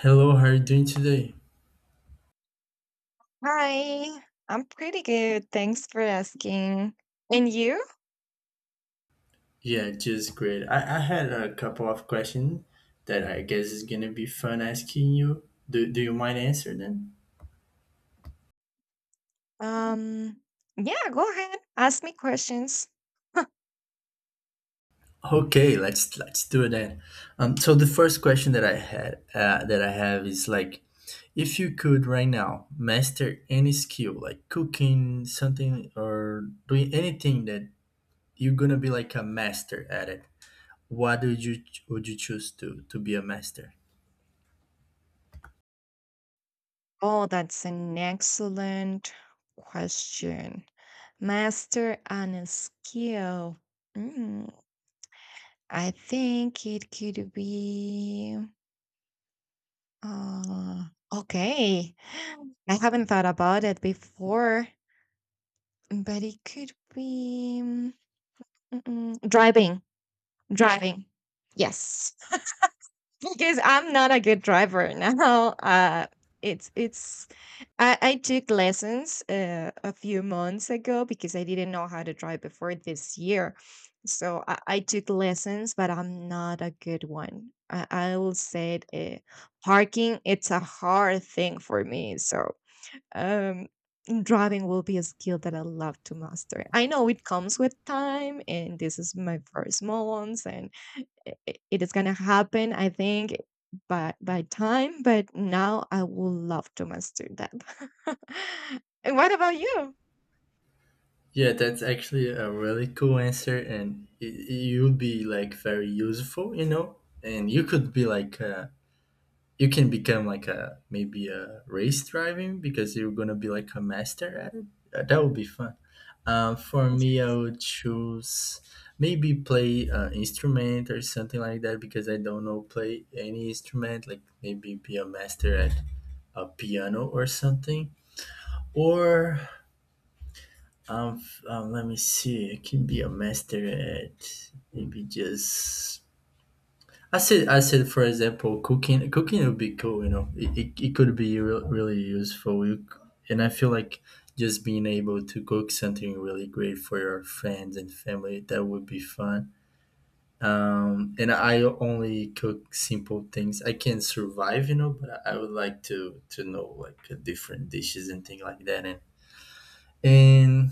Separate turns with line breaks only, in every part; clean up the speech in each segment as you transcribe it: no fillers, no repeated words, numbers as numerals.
Hello, how are you doing today?
Hi, I'm pretty good. Thanks for asking. And you?
Yeah, just great. I had a couple of questions that I guess is gonna be fun asking you. Do you mind answer them?
Um, yeah, go ahead. Ask me questions.
Okay, let's do that. So the first question that I had that I have is like, if you could right now master any skill like cooking something or doing anything that you're gonna be like a master at it, what would you choose to be a master?
Oh, that's an excellent question. Master on a skill. Mm, I think it could be. Uh, okay. I haven't thought about it before, but it could be driving. Driving. Yes. Because I'm not a good driver now. It's I took lessons a few months ago because I didn't know how to drive before this year. So I took lessons, but I'm not a good one. I will say it, parking it's a hard thing for me. So um, driving will be a skill that I love to master. I know it comes with time, and this is my first months, and it is gonna happen, I think, by time. But now I would love to master that. And what about you?
Yeah, that's actually a really cool answer, and it would be like very useful, you know. And you could be like, you can become like a maybe a race driving because you're gonna be like a master at it. That would be fun. For me, I would choose maybe play an instrument or something like that because I don't know play any instrument. Like maybe be a master at a piano or something, or let me see. I can be a master at maybe just. I said, for example, cooking. Cooking would be cool, you know. It could be really useful. And I feel like just being able to cook something really great for your friends and family that would be fun. And I only cook simple things. I can survive, you know, but I would like to know like different dishes and things like that. And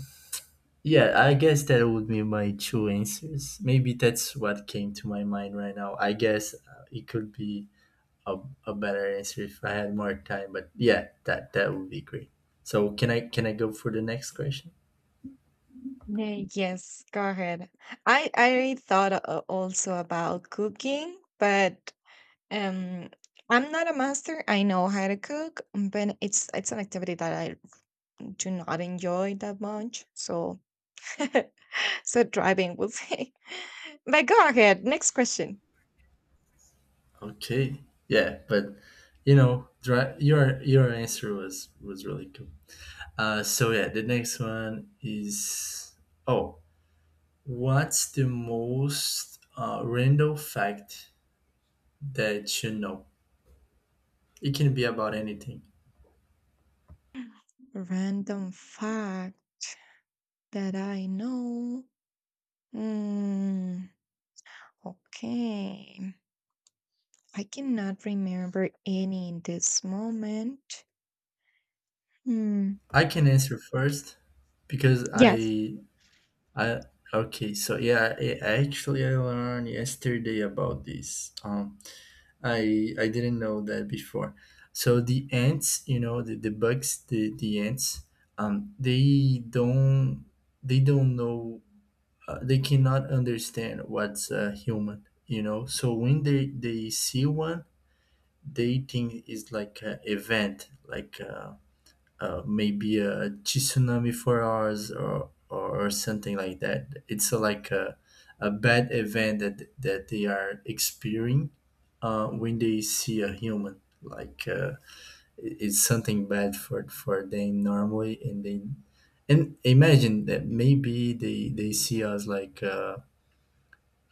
yeah, I guess that would be my two answers. Maybe that's what came to my mind right now. I guess it could be a, a better answer if I had more time, but yeah, that would be great. So can I go for the next question?
Nay, yes, go ahead. I thought also about cooking, but um, I'm not a master. I know how to cook, but it's an activity that I do not enjoy that much. So so driving will say. But go ahead. Next question.
Okay. Yeah, but you know, your answer was really cool. So yeah, the next one is oh, what's the most random fact that you know? It can be about anything.
Random fact. That I know? Mm, okay. I cannot remember any in this moment. Hmm.
I can answer first because I
Yes.
I okay, so yeah, I learned yesterday about this. I didn't know that before. So the ants, you know, the bugs, the ants, um they don't they don't know they cannot understand what's a human, you know. So when they see one, they think it's like an event, like maybe a tsunami for ours, or, or something like that. It's like a bad event that they are experiencing when they see a human. Like it's something bad for them normally, and they — and imagine that maybe they see us like. Uh,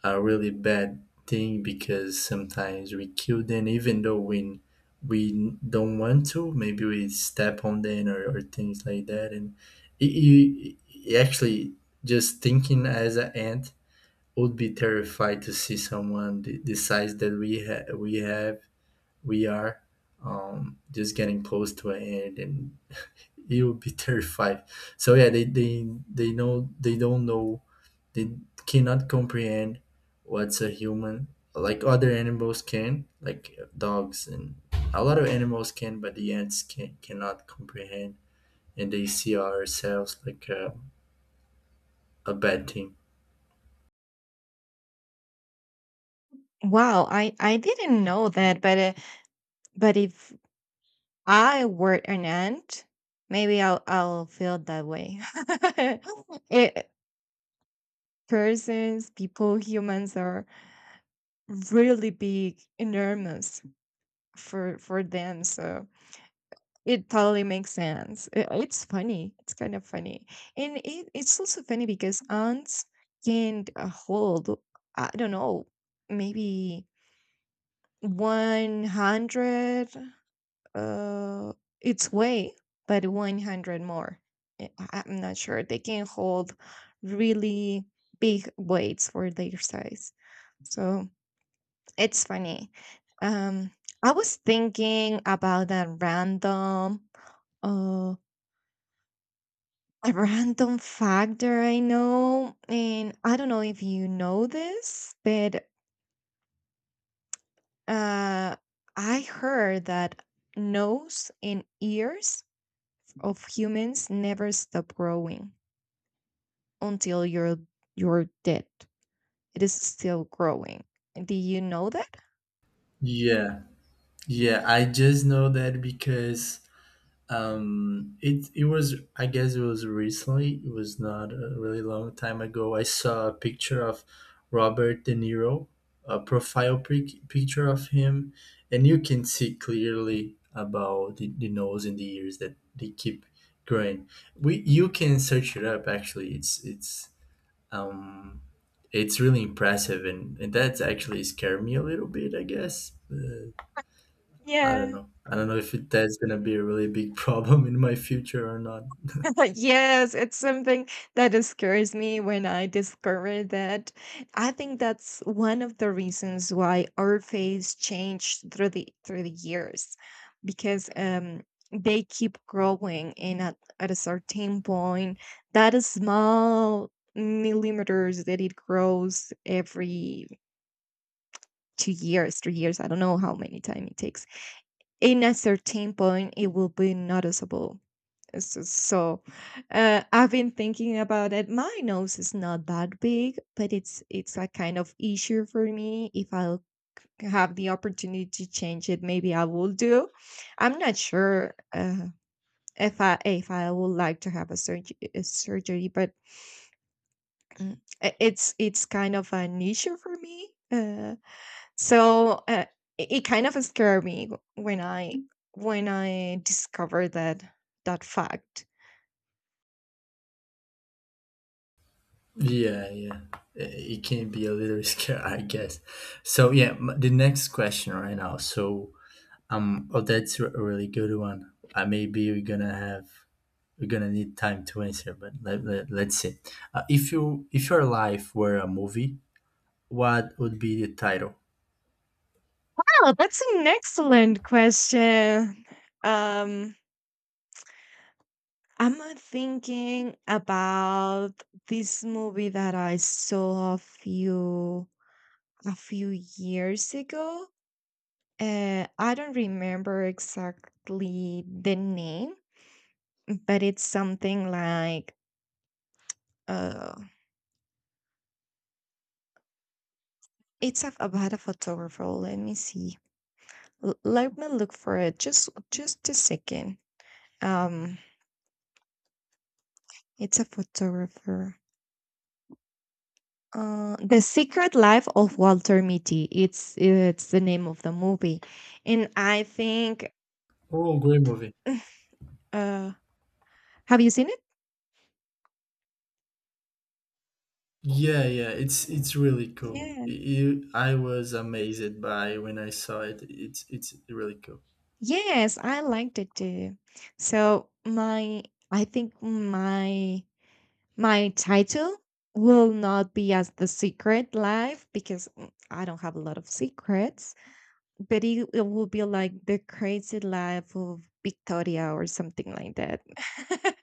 a really bad thing, because sometimes we kill them even though we don't want to. Maybe we step on them, or things like that. And it actually, just thinking as an ant, would be terrified to see someone the size that we have, we are, just getting close to an ant, and it would be terrified. So yeah, they know they don't know, they cannot comprehend what's a human, like other animals can, like dogs and a lot of animals can, but the ants cannot comprehend, and they see ourselves like a bad thing.
Wow, I didn't know that, but if I were an ant, maybe I'll feel that way. It, persons, people, humans are really big, enormous for them. So it totally makes sense. I it's funny. It's kind of funny. And it's also funny because ants can hold, I don't know, maybe 100 uh, its way, but 100 more. I'm not sure. They can hold really big weights for their size. So it's funny. Um, I was thinking about that random. uh, A random factor I know, and I don't know if you know this, but uh, I heard that nose and ears of humans never stop growing until you're dead. It is still growing. Do you know that?
Yeah, yeah, I just know that because it was, I guess it was recently, it was not a really long time ago. I saw a picture of Robert De Niro, a profile picture of him, and you can see clearly about the nose and the ears that they keep growing. We You can search it up, actually. Um it's really impressive, and that's actually scared me a little bit, I guess. I don't
Yeah.
know. I don't know if that's gonna be a really big problem in my future or not.
Yes, it's something that scares me when I discover that. I think that's one of the reasons why our faiths change through the years, because they keep growing, and at a certain point, that is small millimeters that it grows every 2 years, 3 years. I don't know how many time it takes. In a certain point, it will be noticeable. So, I've been thinking about it. My nose is not that big, but it's a kind of issue for me. If I'll have the opportunity to change it, maybe I will do. I'm not sure if I would like to have a, a surgery, but mm, it's kind of an issue for me. So it, it kind of scared me when I when I discovered that that fact.
Yeah, yeah. Eh, it can be a little scary, I guess. So yeah, the next question right now. So oh, that's a really good one. Maybe we're gonna have, we're gonna need time to answer, but let's see. If you — if your life were a movie, what would be the title?
Oh, that's an excellent question. Um, I'm thinking about this movie that I saw a few years ago. I don't remember exactly the name, but it's something like uh, it's a, about a photographer. Let me see. Let me look for it. Just a second. Um, it's a photographer. The Secret Life of Walter Mitty. It's the name of the movie, and I think.
Oh, great movie.
Uh, have you seen it?
Yeah, yeah, it's really cool.
Yeah.
You, I was amazed by when I saw it. It's really cool.
Yes, I liked it too. So I think my title will not be as the Secret Life because mm, I don't have a lot of secrets. But it will be like the crazy life of Victoria or something like that,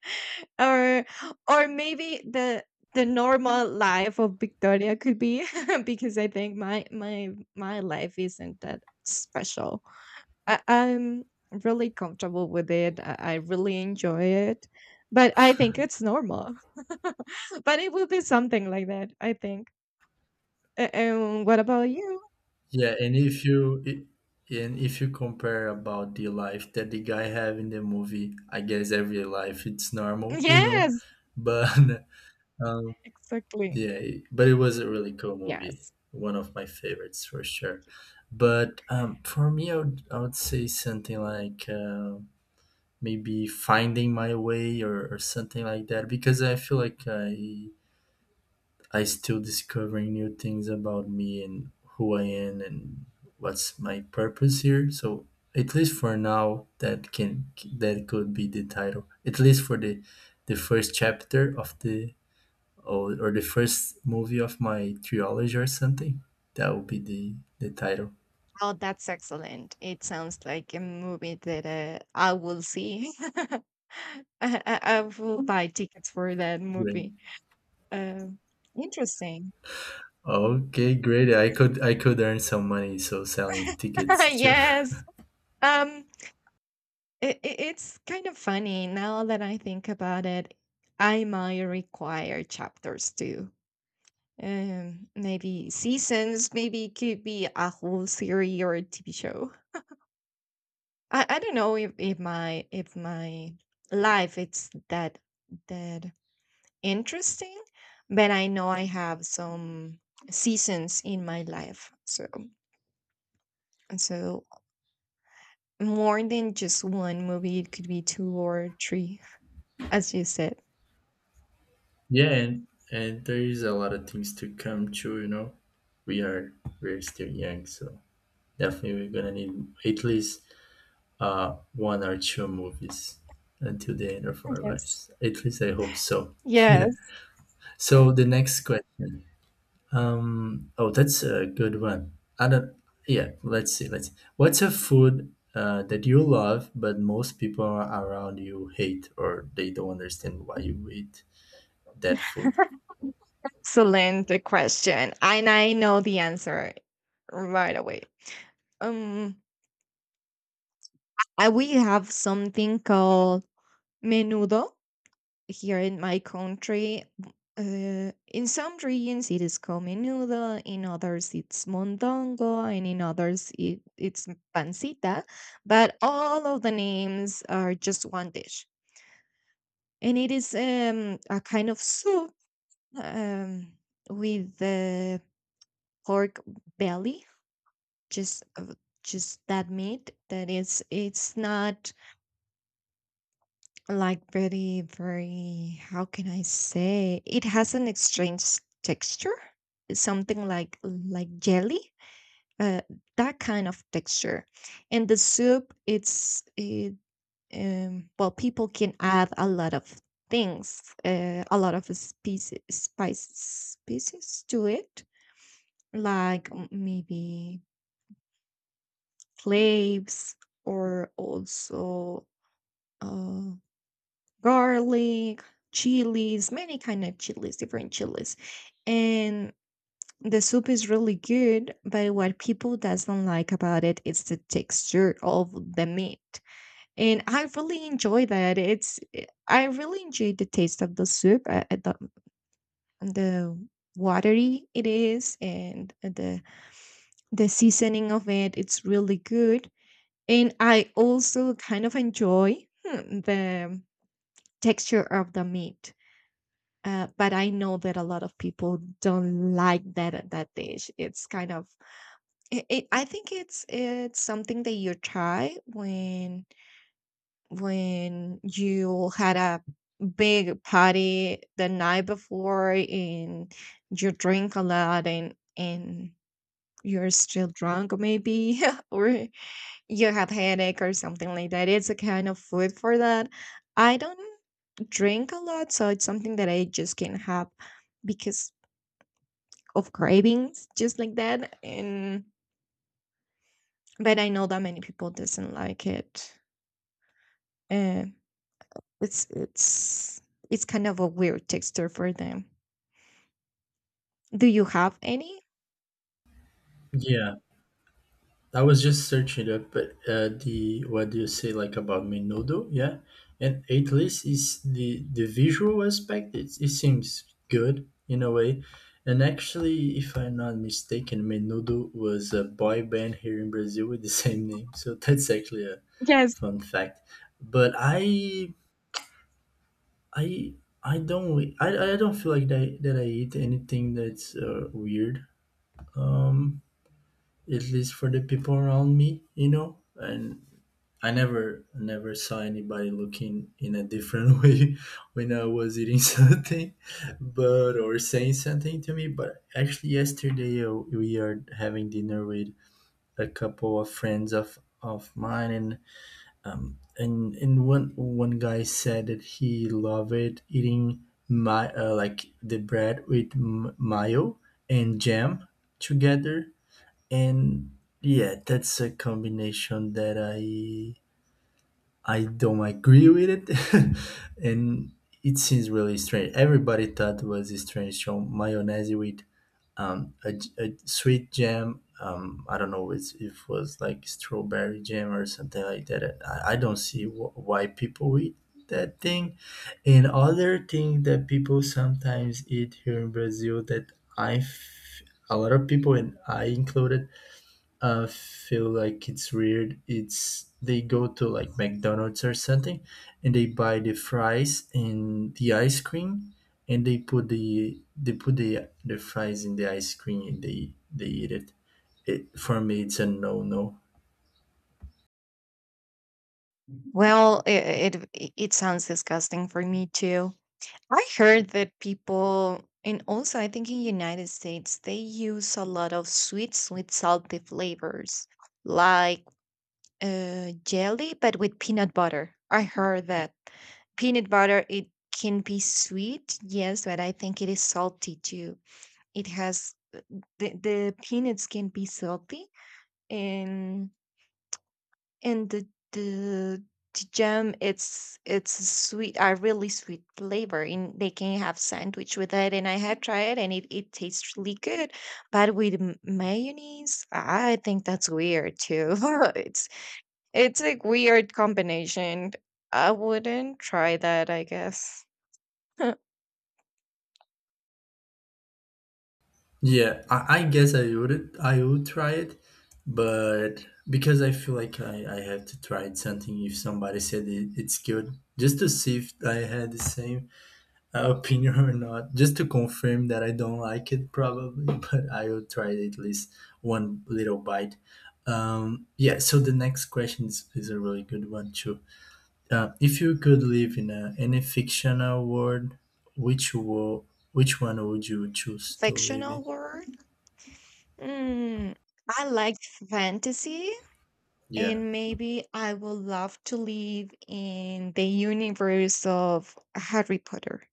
or or maybe the normal life of Victoria could be because I think my life isn't that special. I'm really comfortable with it. I really enjoy it, but I think it's normal. But it will be something like that. I think. And what about you?
Yeah, and if you and if you compare about the life that the guy have in the movie, I guess every life it's normal, you know.
Yes,
But um,
exactly.
yeah, but it was a really cool movie.
Yes.
One of my favorites for sure. But for me, I would say something like. Maybe finding my way, or something like that, because I feel like I still discovering new things about me and who I am and what's my purpose here. So at least for now, that can that could be the title. At least for the first chapter of the, or the first movie of my trilogy or something. That would be the title.
Oh, that's excellent. It sounds like a movie that I will see. I, I will buy tickets for that
Great.
movie. Um, interesting.
Okay, great. I could earn some money so selling tickets too.
Yes. Um, it, it's kind of funny now that I think about it. I might require chapters too. Maybe seasons. Maybe it could be a whole series or a TV show. I don't know if, if my life it's that interesting, but I know I have some seasons in my life. So and so more than just one movie, it could be two or three, as you said.
Yeah, and there is a lot of things to come too, you know. We are we're still young, so definitely we're gonna need at least one or two movies until the end of our
Yes.
lives. At least I hope so. Yeah.
Yes.
So the next question. Um, oh, that's a good one. I don't Yeah, let's see. What's a food that you love but most people around you hate, or they don't understand why you eat that food?
Excellent question. And I know the answer right away. Um, I we have something called menudo here in my country, in some regions it is cominudo, in others it's mondongo, and in others it's pancita. But all of the names are just one dish, and it is a kind of soup um, with the pork belly, just uh, just that meat that is it's not like very, very, how can I say? It has an strange texture, something like jelly, uh, that kind of texture. And the soup, it, well, people can add a lot of things, a lot of species, spices, species to it, like maybe cloves or also uh, garlic, chilies, many kind of chilies, different chilies. And the soup is really good, but what people doesn't like about it is the texture of the meat. And I really enjoy that. It's eh, I really enjoy the taste of the soup, the watery it is, and the seasoning of it. It's really good, and I also kind of enjoy hmm, the texture of the meat. But I know that a lot of people don't like that dish. It's kind of I think it's something that you try when you had a big party the night before and you drink a lot and you're still drunk maybe or you have headache or something like that. It's a kind of food for that. I don't drink a lot, so it's something that I just can have because of cravings just like that. And but I know that many people doesn't like it, uh, it's it's it's kind of a weird texture for them. Do you have any?
Yeah. I was just searching it up, but the what do you say like about Menudo? Yeah, and at least is the visual aspect. It seems good in a way, and actually, if I'm not mistaken, Menudo was a boy band here in Brazil with the same name. So that's actually a
Yes.
fun fact. But I I don't feel like that I eat anything that's weird. Um, at least for the people around me, you know. And I never saw anybody looking in a different way when I was eating something, but or saying something to me. But actually, yesterday we are having dinner with a couple of friends of mine, and and one guy said that he loved eating my like the bread with mayo and jam together, and yeah, that's a combination that I don't agree with it, and it seems really strange. Everybody thought it was strange. So mayonnaise with a sweet jam. I don't know it's, if it was like strawberry jam or something like that. I don't see why people eat that thing. And other thing that people sometimes eat here in Brazil that I, f- a lot of people, and I included, I feel like it's weird. It's they go to like McDonald's or something, and they buy the fries and the ice cream, and they put the — they put the fries in the ice cream and they eat it. It for me, it's a no no.
Well it, it sounds disgusting for me too. I heard that people and also I think in United States they use a lot of sweet salty flavors like jelly, but with peanut butter. I heard that peanut butter it can be sweet, yes, but I think it is salty too. It has the peanuts can be salty, and and the the jam it's a really sweet flavor and they can have sandwich with it. And I had tried it and it, it tastes really good, but with mayonnaise I think that's weird too. It it's a weird combination. I wouldn't try that, I guess.
Yeah, I guess I would try it, but because I feel like I have to try it something if somebody said it, it's good just to see if I had the same opinion or not, just to confirm that I don't like it, probably, but I will try at least one little bite. Yeah, so the next question is a really good one, too. If you could live in a, any fictional world, which wo- which one would you choose to live in?
Fictional world? Mm, I like fantasy,
Yeah.
and maybe I would love to live in the universe of Harry Potter.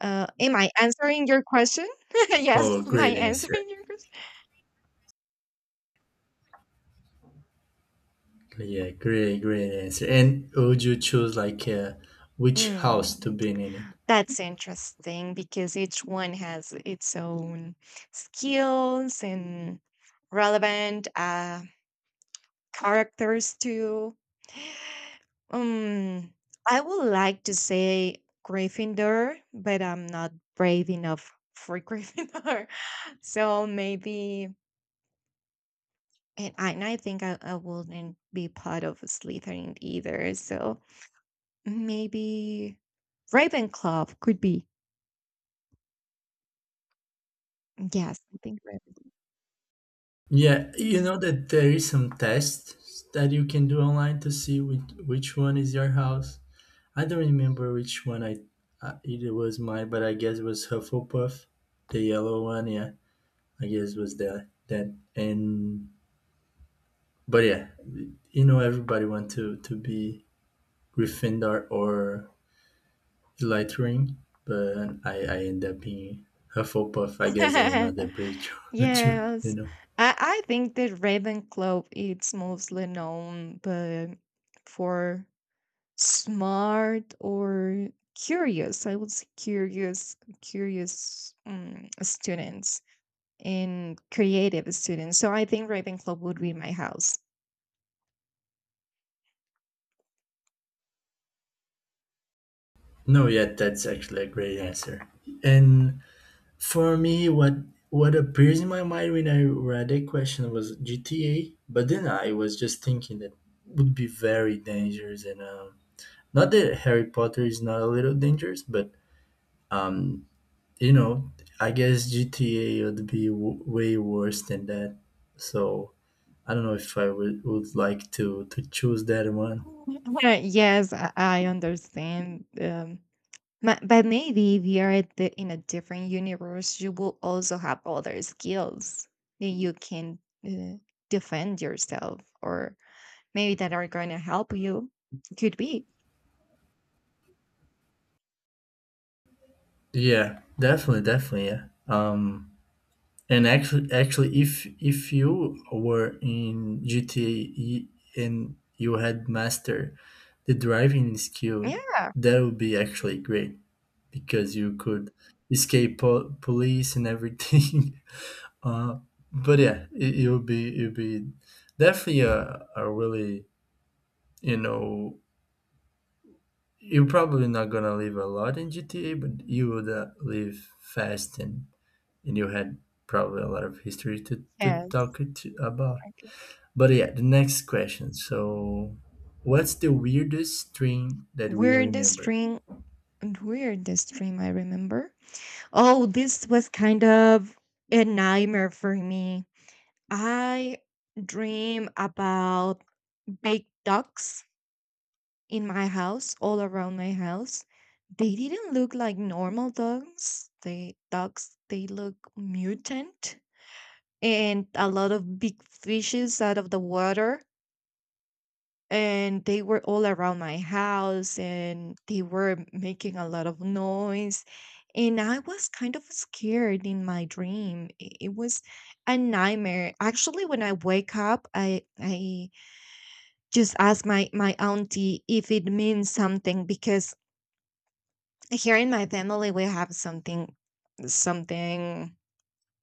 Am I answering your question? Yes,
Oh,
am I
great answer.
answering your question?
Yeah, great answer. And would you choose like which house to
Mm,
be in it?
that's interesting because each one has its own skills and relevant characters too. Um, I would like to say Gryffindor, but I'm not brave enough for Gryffindor. So maybe, and I think I wouldn't be part of Slytherin either. So maybe Ravenclaw could be. Yes, I think Ravenclaw.
Yeah, you know that there is some tests that you can do online to see which one is your house. I don't remember which one I it was mine, but I guess it was Hufflepuff, the yellow one. Yeah, I guess it was that, and but yeah, you know everybody want to be Gryffindor or Slytherin, but I end up being Hufflepuff. I guess I know the bridge too. You
Yes,
know.
I think that Ravenclaw it's mostly known, but for smart or curious, I would say curious students and creative students, so I think Ravenclaw would be my house.
No, yeah, that's actually a great answer. And for me, what appears in my mind when I read that question was GTA, but then I was just thinking that would be very dangerous, and not that Harry Potter is not a little dangerous, but um, you know, I guess GTA would be way worse than that. So I don't know if I would like to choose that one.
Yes, I understand, but maybe if you are at in a different universe you will also have other skills that you can uh, defend yourself or maybe that are going to help you, could be.
Yeah, definitely, yeah. And actually, if you were in GTA and you had mastered the driving
Yeah.
skill, that would be actually great because you could escape police and everything. uh, but yeah, it would be definitely a really you know you're probably not gonna live a lot in GTA, but you would live fast and you had probably a lot of history to
Yes,
talk it about.
okay.
But yeah, the next question. So, what's the weirdest dream that we
We
remember?
string, and weirdest dream I remember. Oh, this was kind of a nightmare for me. I dream about baked ducks in my house, all around my house. They didn't look like normal ducks. They they look mutant and a lot of big fishes out of the water. And they were all around my house and they were making a lot of noise and I was kind of scared in my dream. It was a nightmare actually. When I wake up I just ask my auntie if it means something, because here in my family we have something,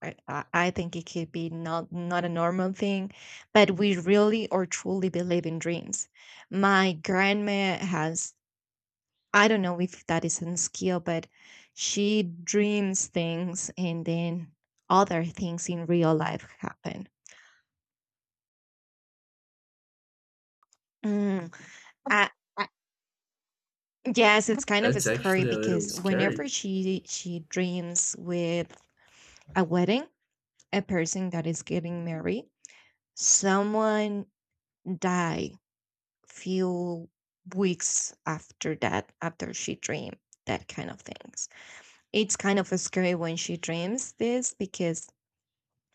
I think it could be not a normal thing, but we really or truly believe in dreams. My grandma has, I don't know if that is a skill, but she dreams things and then other things in real life happen. Mm, I, I, yes, it's kind of
That's
scary
actually a little
because
scary.
whenever she dreams with a wedding, a person that is getting married, someone die few weeks after that after she dreamed that kind of things. It's kind of scary when she dreams this because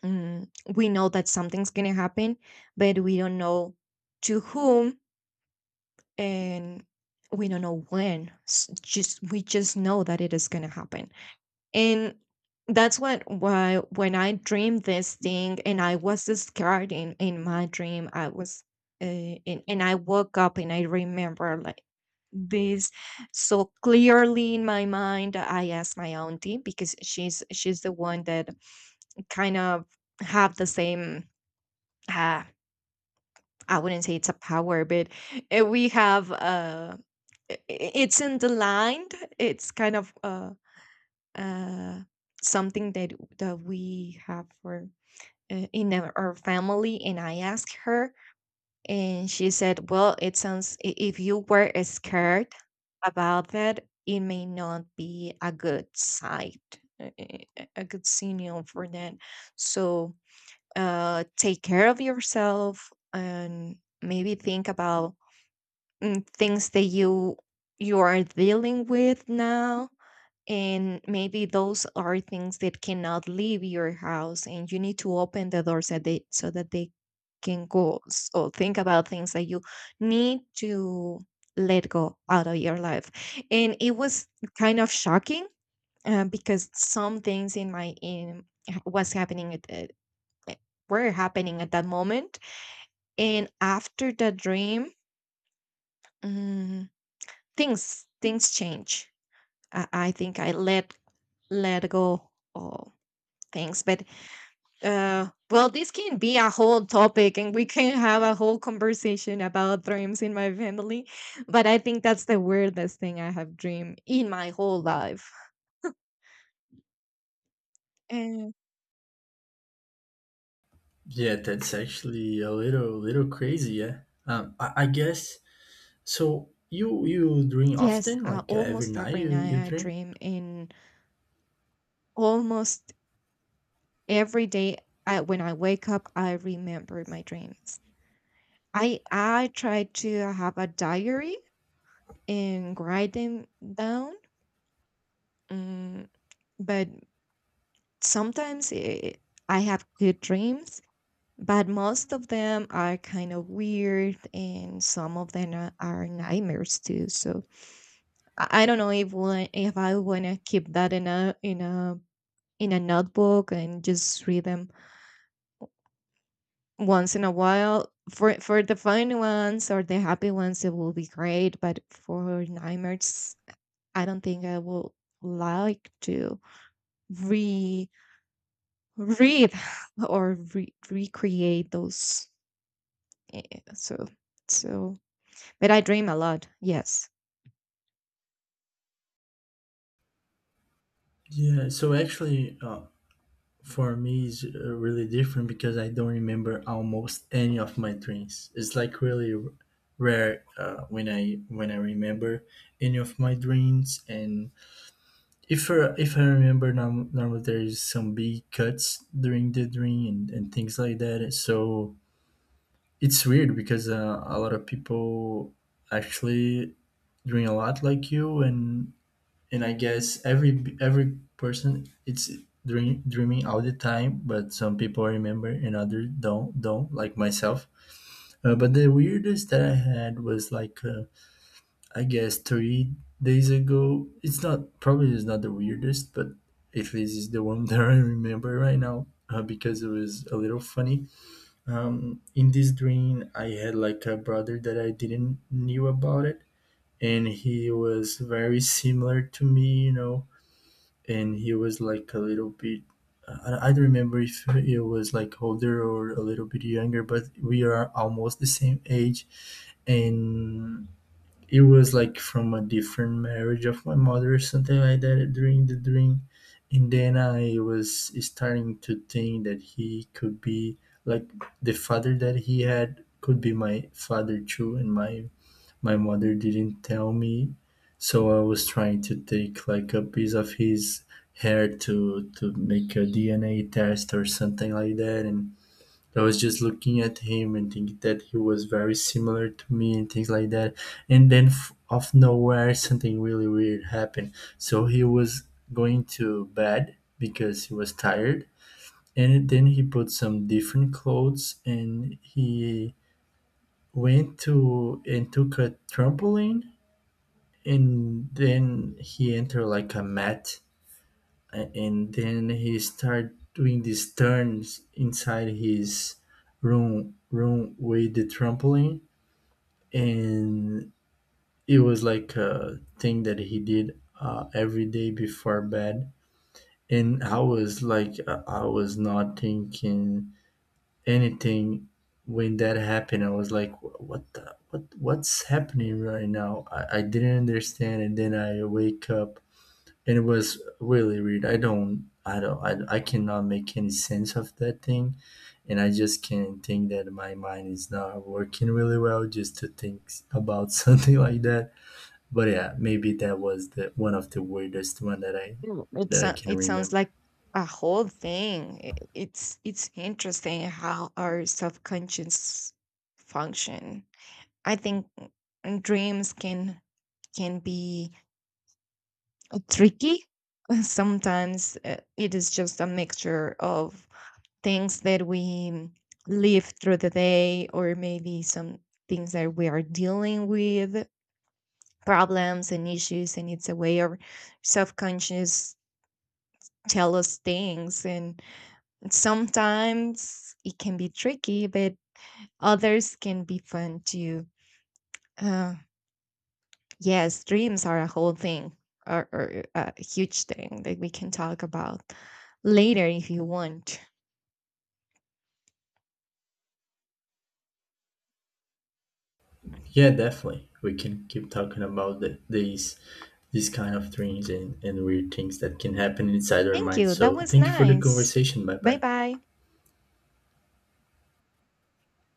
mm, we know that something's gonna happen, but we don't know to whom, and we don't know when just we just know that it is gonna happen. And that's what why, when I dreamed this thing and I was scared in my dream, I was and I woke up and I remember like this so clearly in my mind. I asked my auntie because she's the one that kind of have the same, uh, I wouldn't say it's a power, but we have, it's in the line. It's kind of uh something that that we have for, in our family. And I asked her, and she said, "Well, it sounds, if you were scared about that, it may not be a good sight, a good signal for that. So take care of yourself and maybe think about things that you are dealing with now, and maybe those are things that cannot leave your house, and you need to open the doors that they, so that they can go. So think about things that you need to let go out of your life." And it was kind of shocking, because some things in my in was happening at were happening at that moment. And after the dream, mm, things change. I think I let go. Oh, things, but well, this can be a whole topic, and we can have a whole conversation about dreams in my family. But I think that's the weirdest thing I have dreamed in my whole life. And
Yeah, that's actually a little crazy. Yeah. I guess so. You dream
yes,
often, like every
almost
night
every
you
night I
dream.
dream, and almost every day I, when I wake up, I remember my dreams. I try to have a diary and write them down. mm, but sometimes I have good dreams, but most of them are kind of weird, and some of them are nightmares too. So I don't know if I want to keep that in a in a in a notebook and just read them once in a while. For the fun ones or the happy ones, it will be great, but for nightmares I don't think I will like to re read or recreate those. Eh, so so But I dream a lot. Yes.
Yeah. So actually, for me is really different because I don't remember almost any of my dreams. It's like really rare when I remember any of my dreams. And if I remember normal, there is some big cuts during the dream and things like that. So it's weird because a lot of people actually dream a lot like you, and I guess every person it's dreaming all the time, but some people remember and others don't, like myself. But the weirdest that I had was like I guess 3 days ago. It's not probably is not the weirdest, but at least it's the one that I remember right now because it was a little funny. In this dream, I had like a brother that I didn't knew about it, and he was very similar to me, you know, and he was like a little bit. I don't remember if he was like older or a little bit younger, but we are almost the same age, and it was like from a different marriage of my mother or something like that during the dream. And then I was starting to think that he could be like the father that he had could be my father too, and my mother didn't tell me. So I was trying to take like a piece of his hair to make a dna test or something like that. And I was just looking at him and think that he was very similar to me and things like that. And then off nowhere, something really weird happened. So he was going to bed because he was tired. And then he put some different clothes and he went to and took a trampoline, and then he entered like a mat and then he started doing these turns inside his room with the trampoline. And it was like a thing that he did every day before bed. And I was like I was not thinking anything when that happened. I was like, "Wha- what the, what what's happening right now? I didn't understand." And then I wake up, and it was really weird. I don't, I cannot make any sense of that thing, and I just can think that my mind is not working really well just to think about something like that. But yeah, maybe that was the one of the weirdest one that I can
It sounds
remember.
like a whole thing. It's interesting how our subconscious function. I think dreams can be tricky. Sometimes it is just a mixture of things that we live through the day, or maybe some things that we are dealing with, problems and issues, and it's a way of subconscious tell us things. And sometimes it can be tricky, but others can be fun too. uh, yes, dreams are a whole thing, or a huge thing that we can talk about later if you want.
Yeah, definitely. We can keep talking about these kind of dreams and weird things that can happen inside our
Thank
mind.
you, that
So
was
thank you for the
nice.
conversation. Bye
Bye
bye.
bye.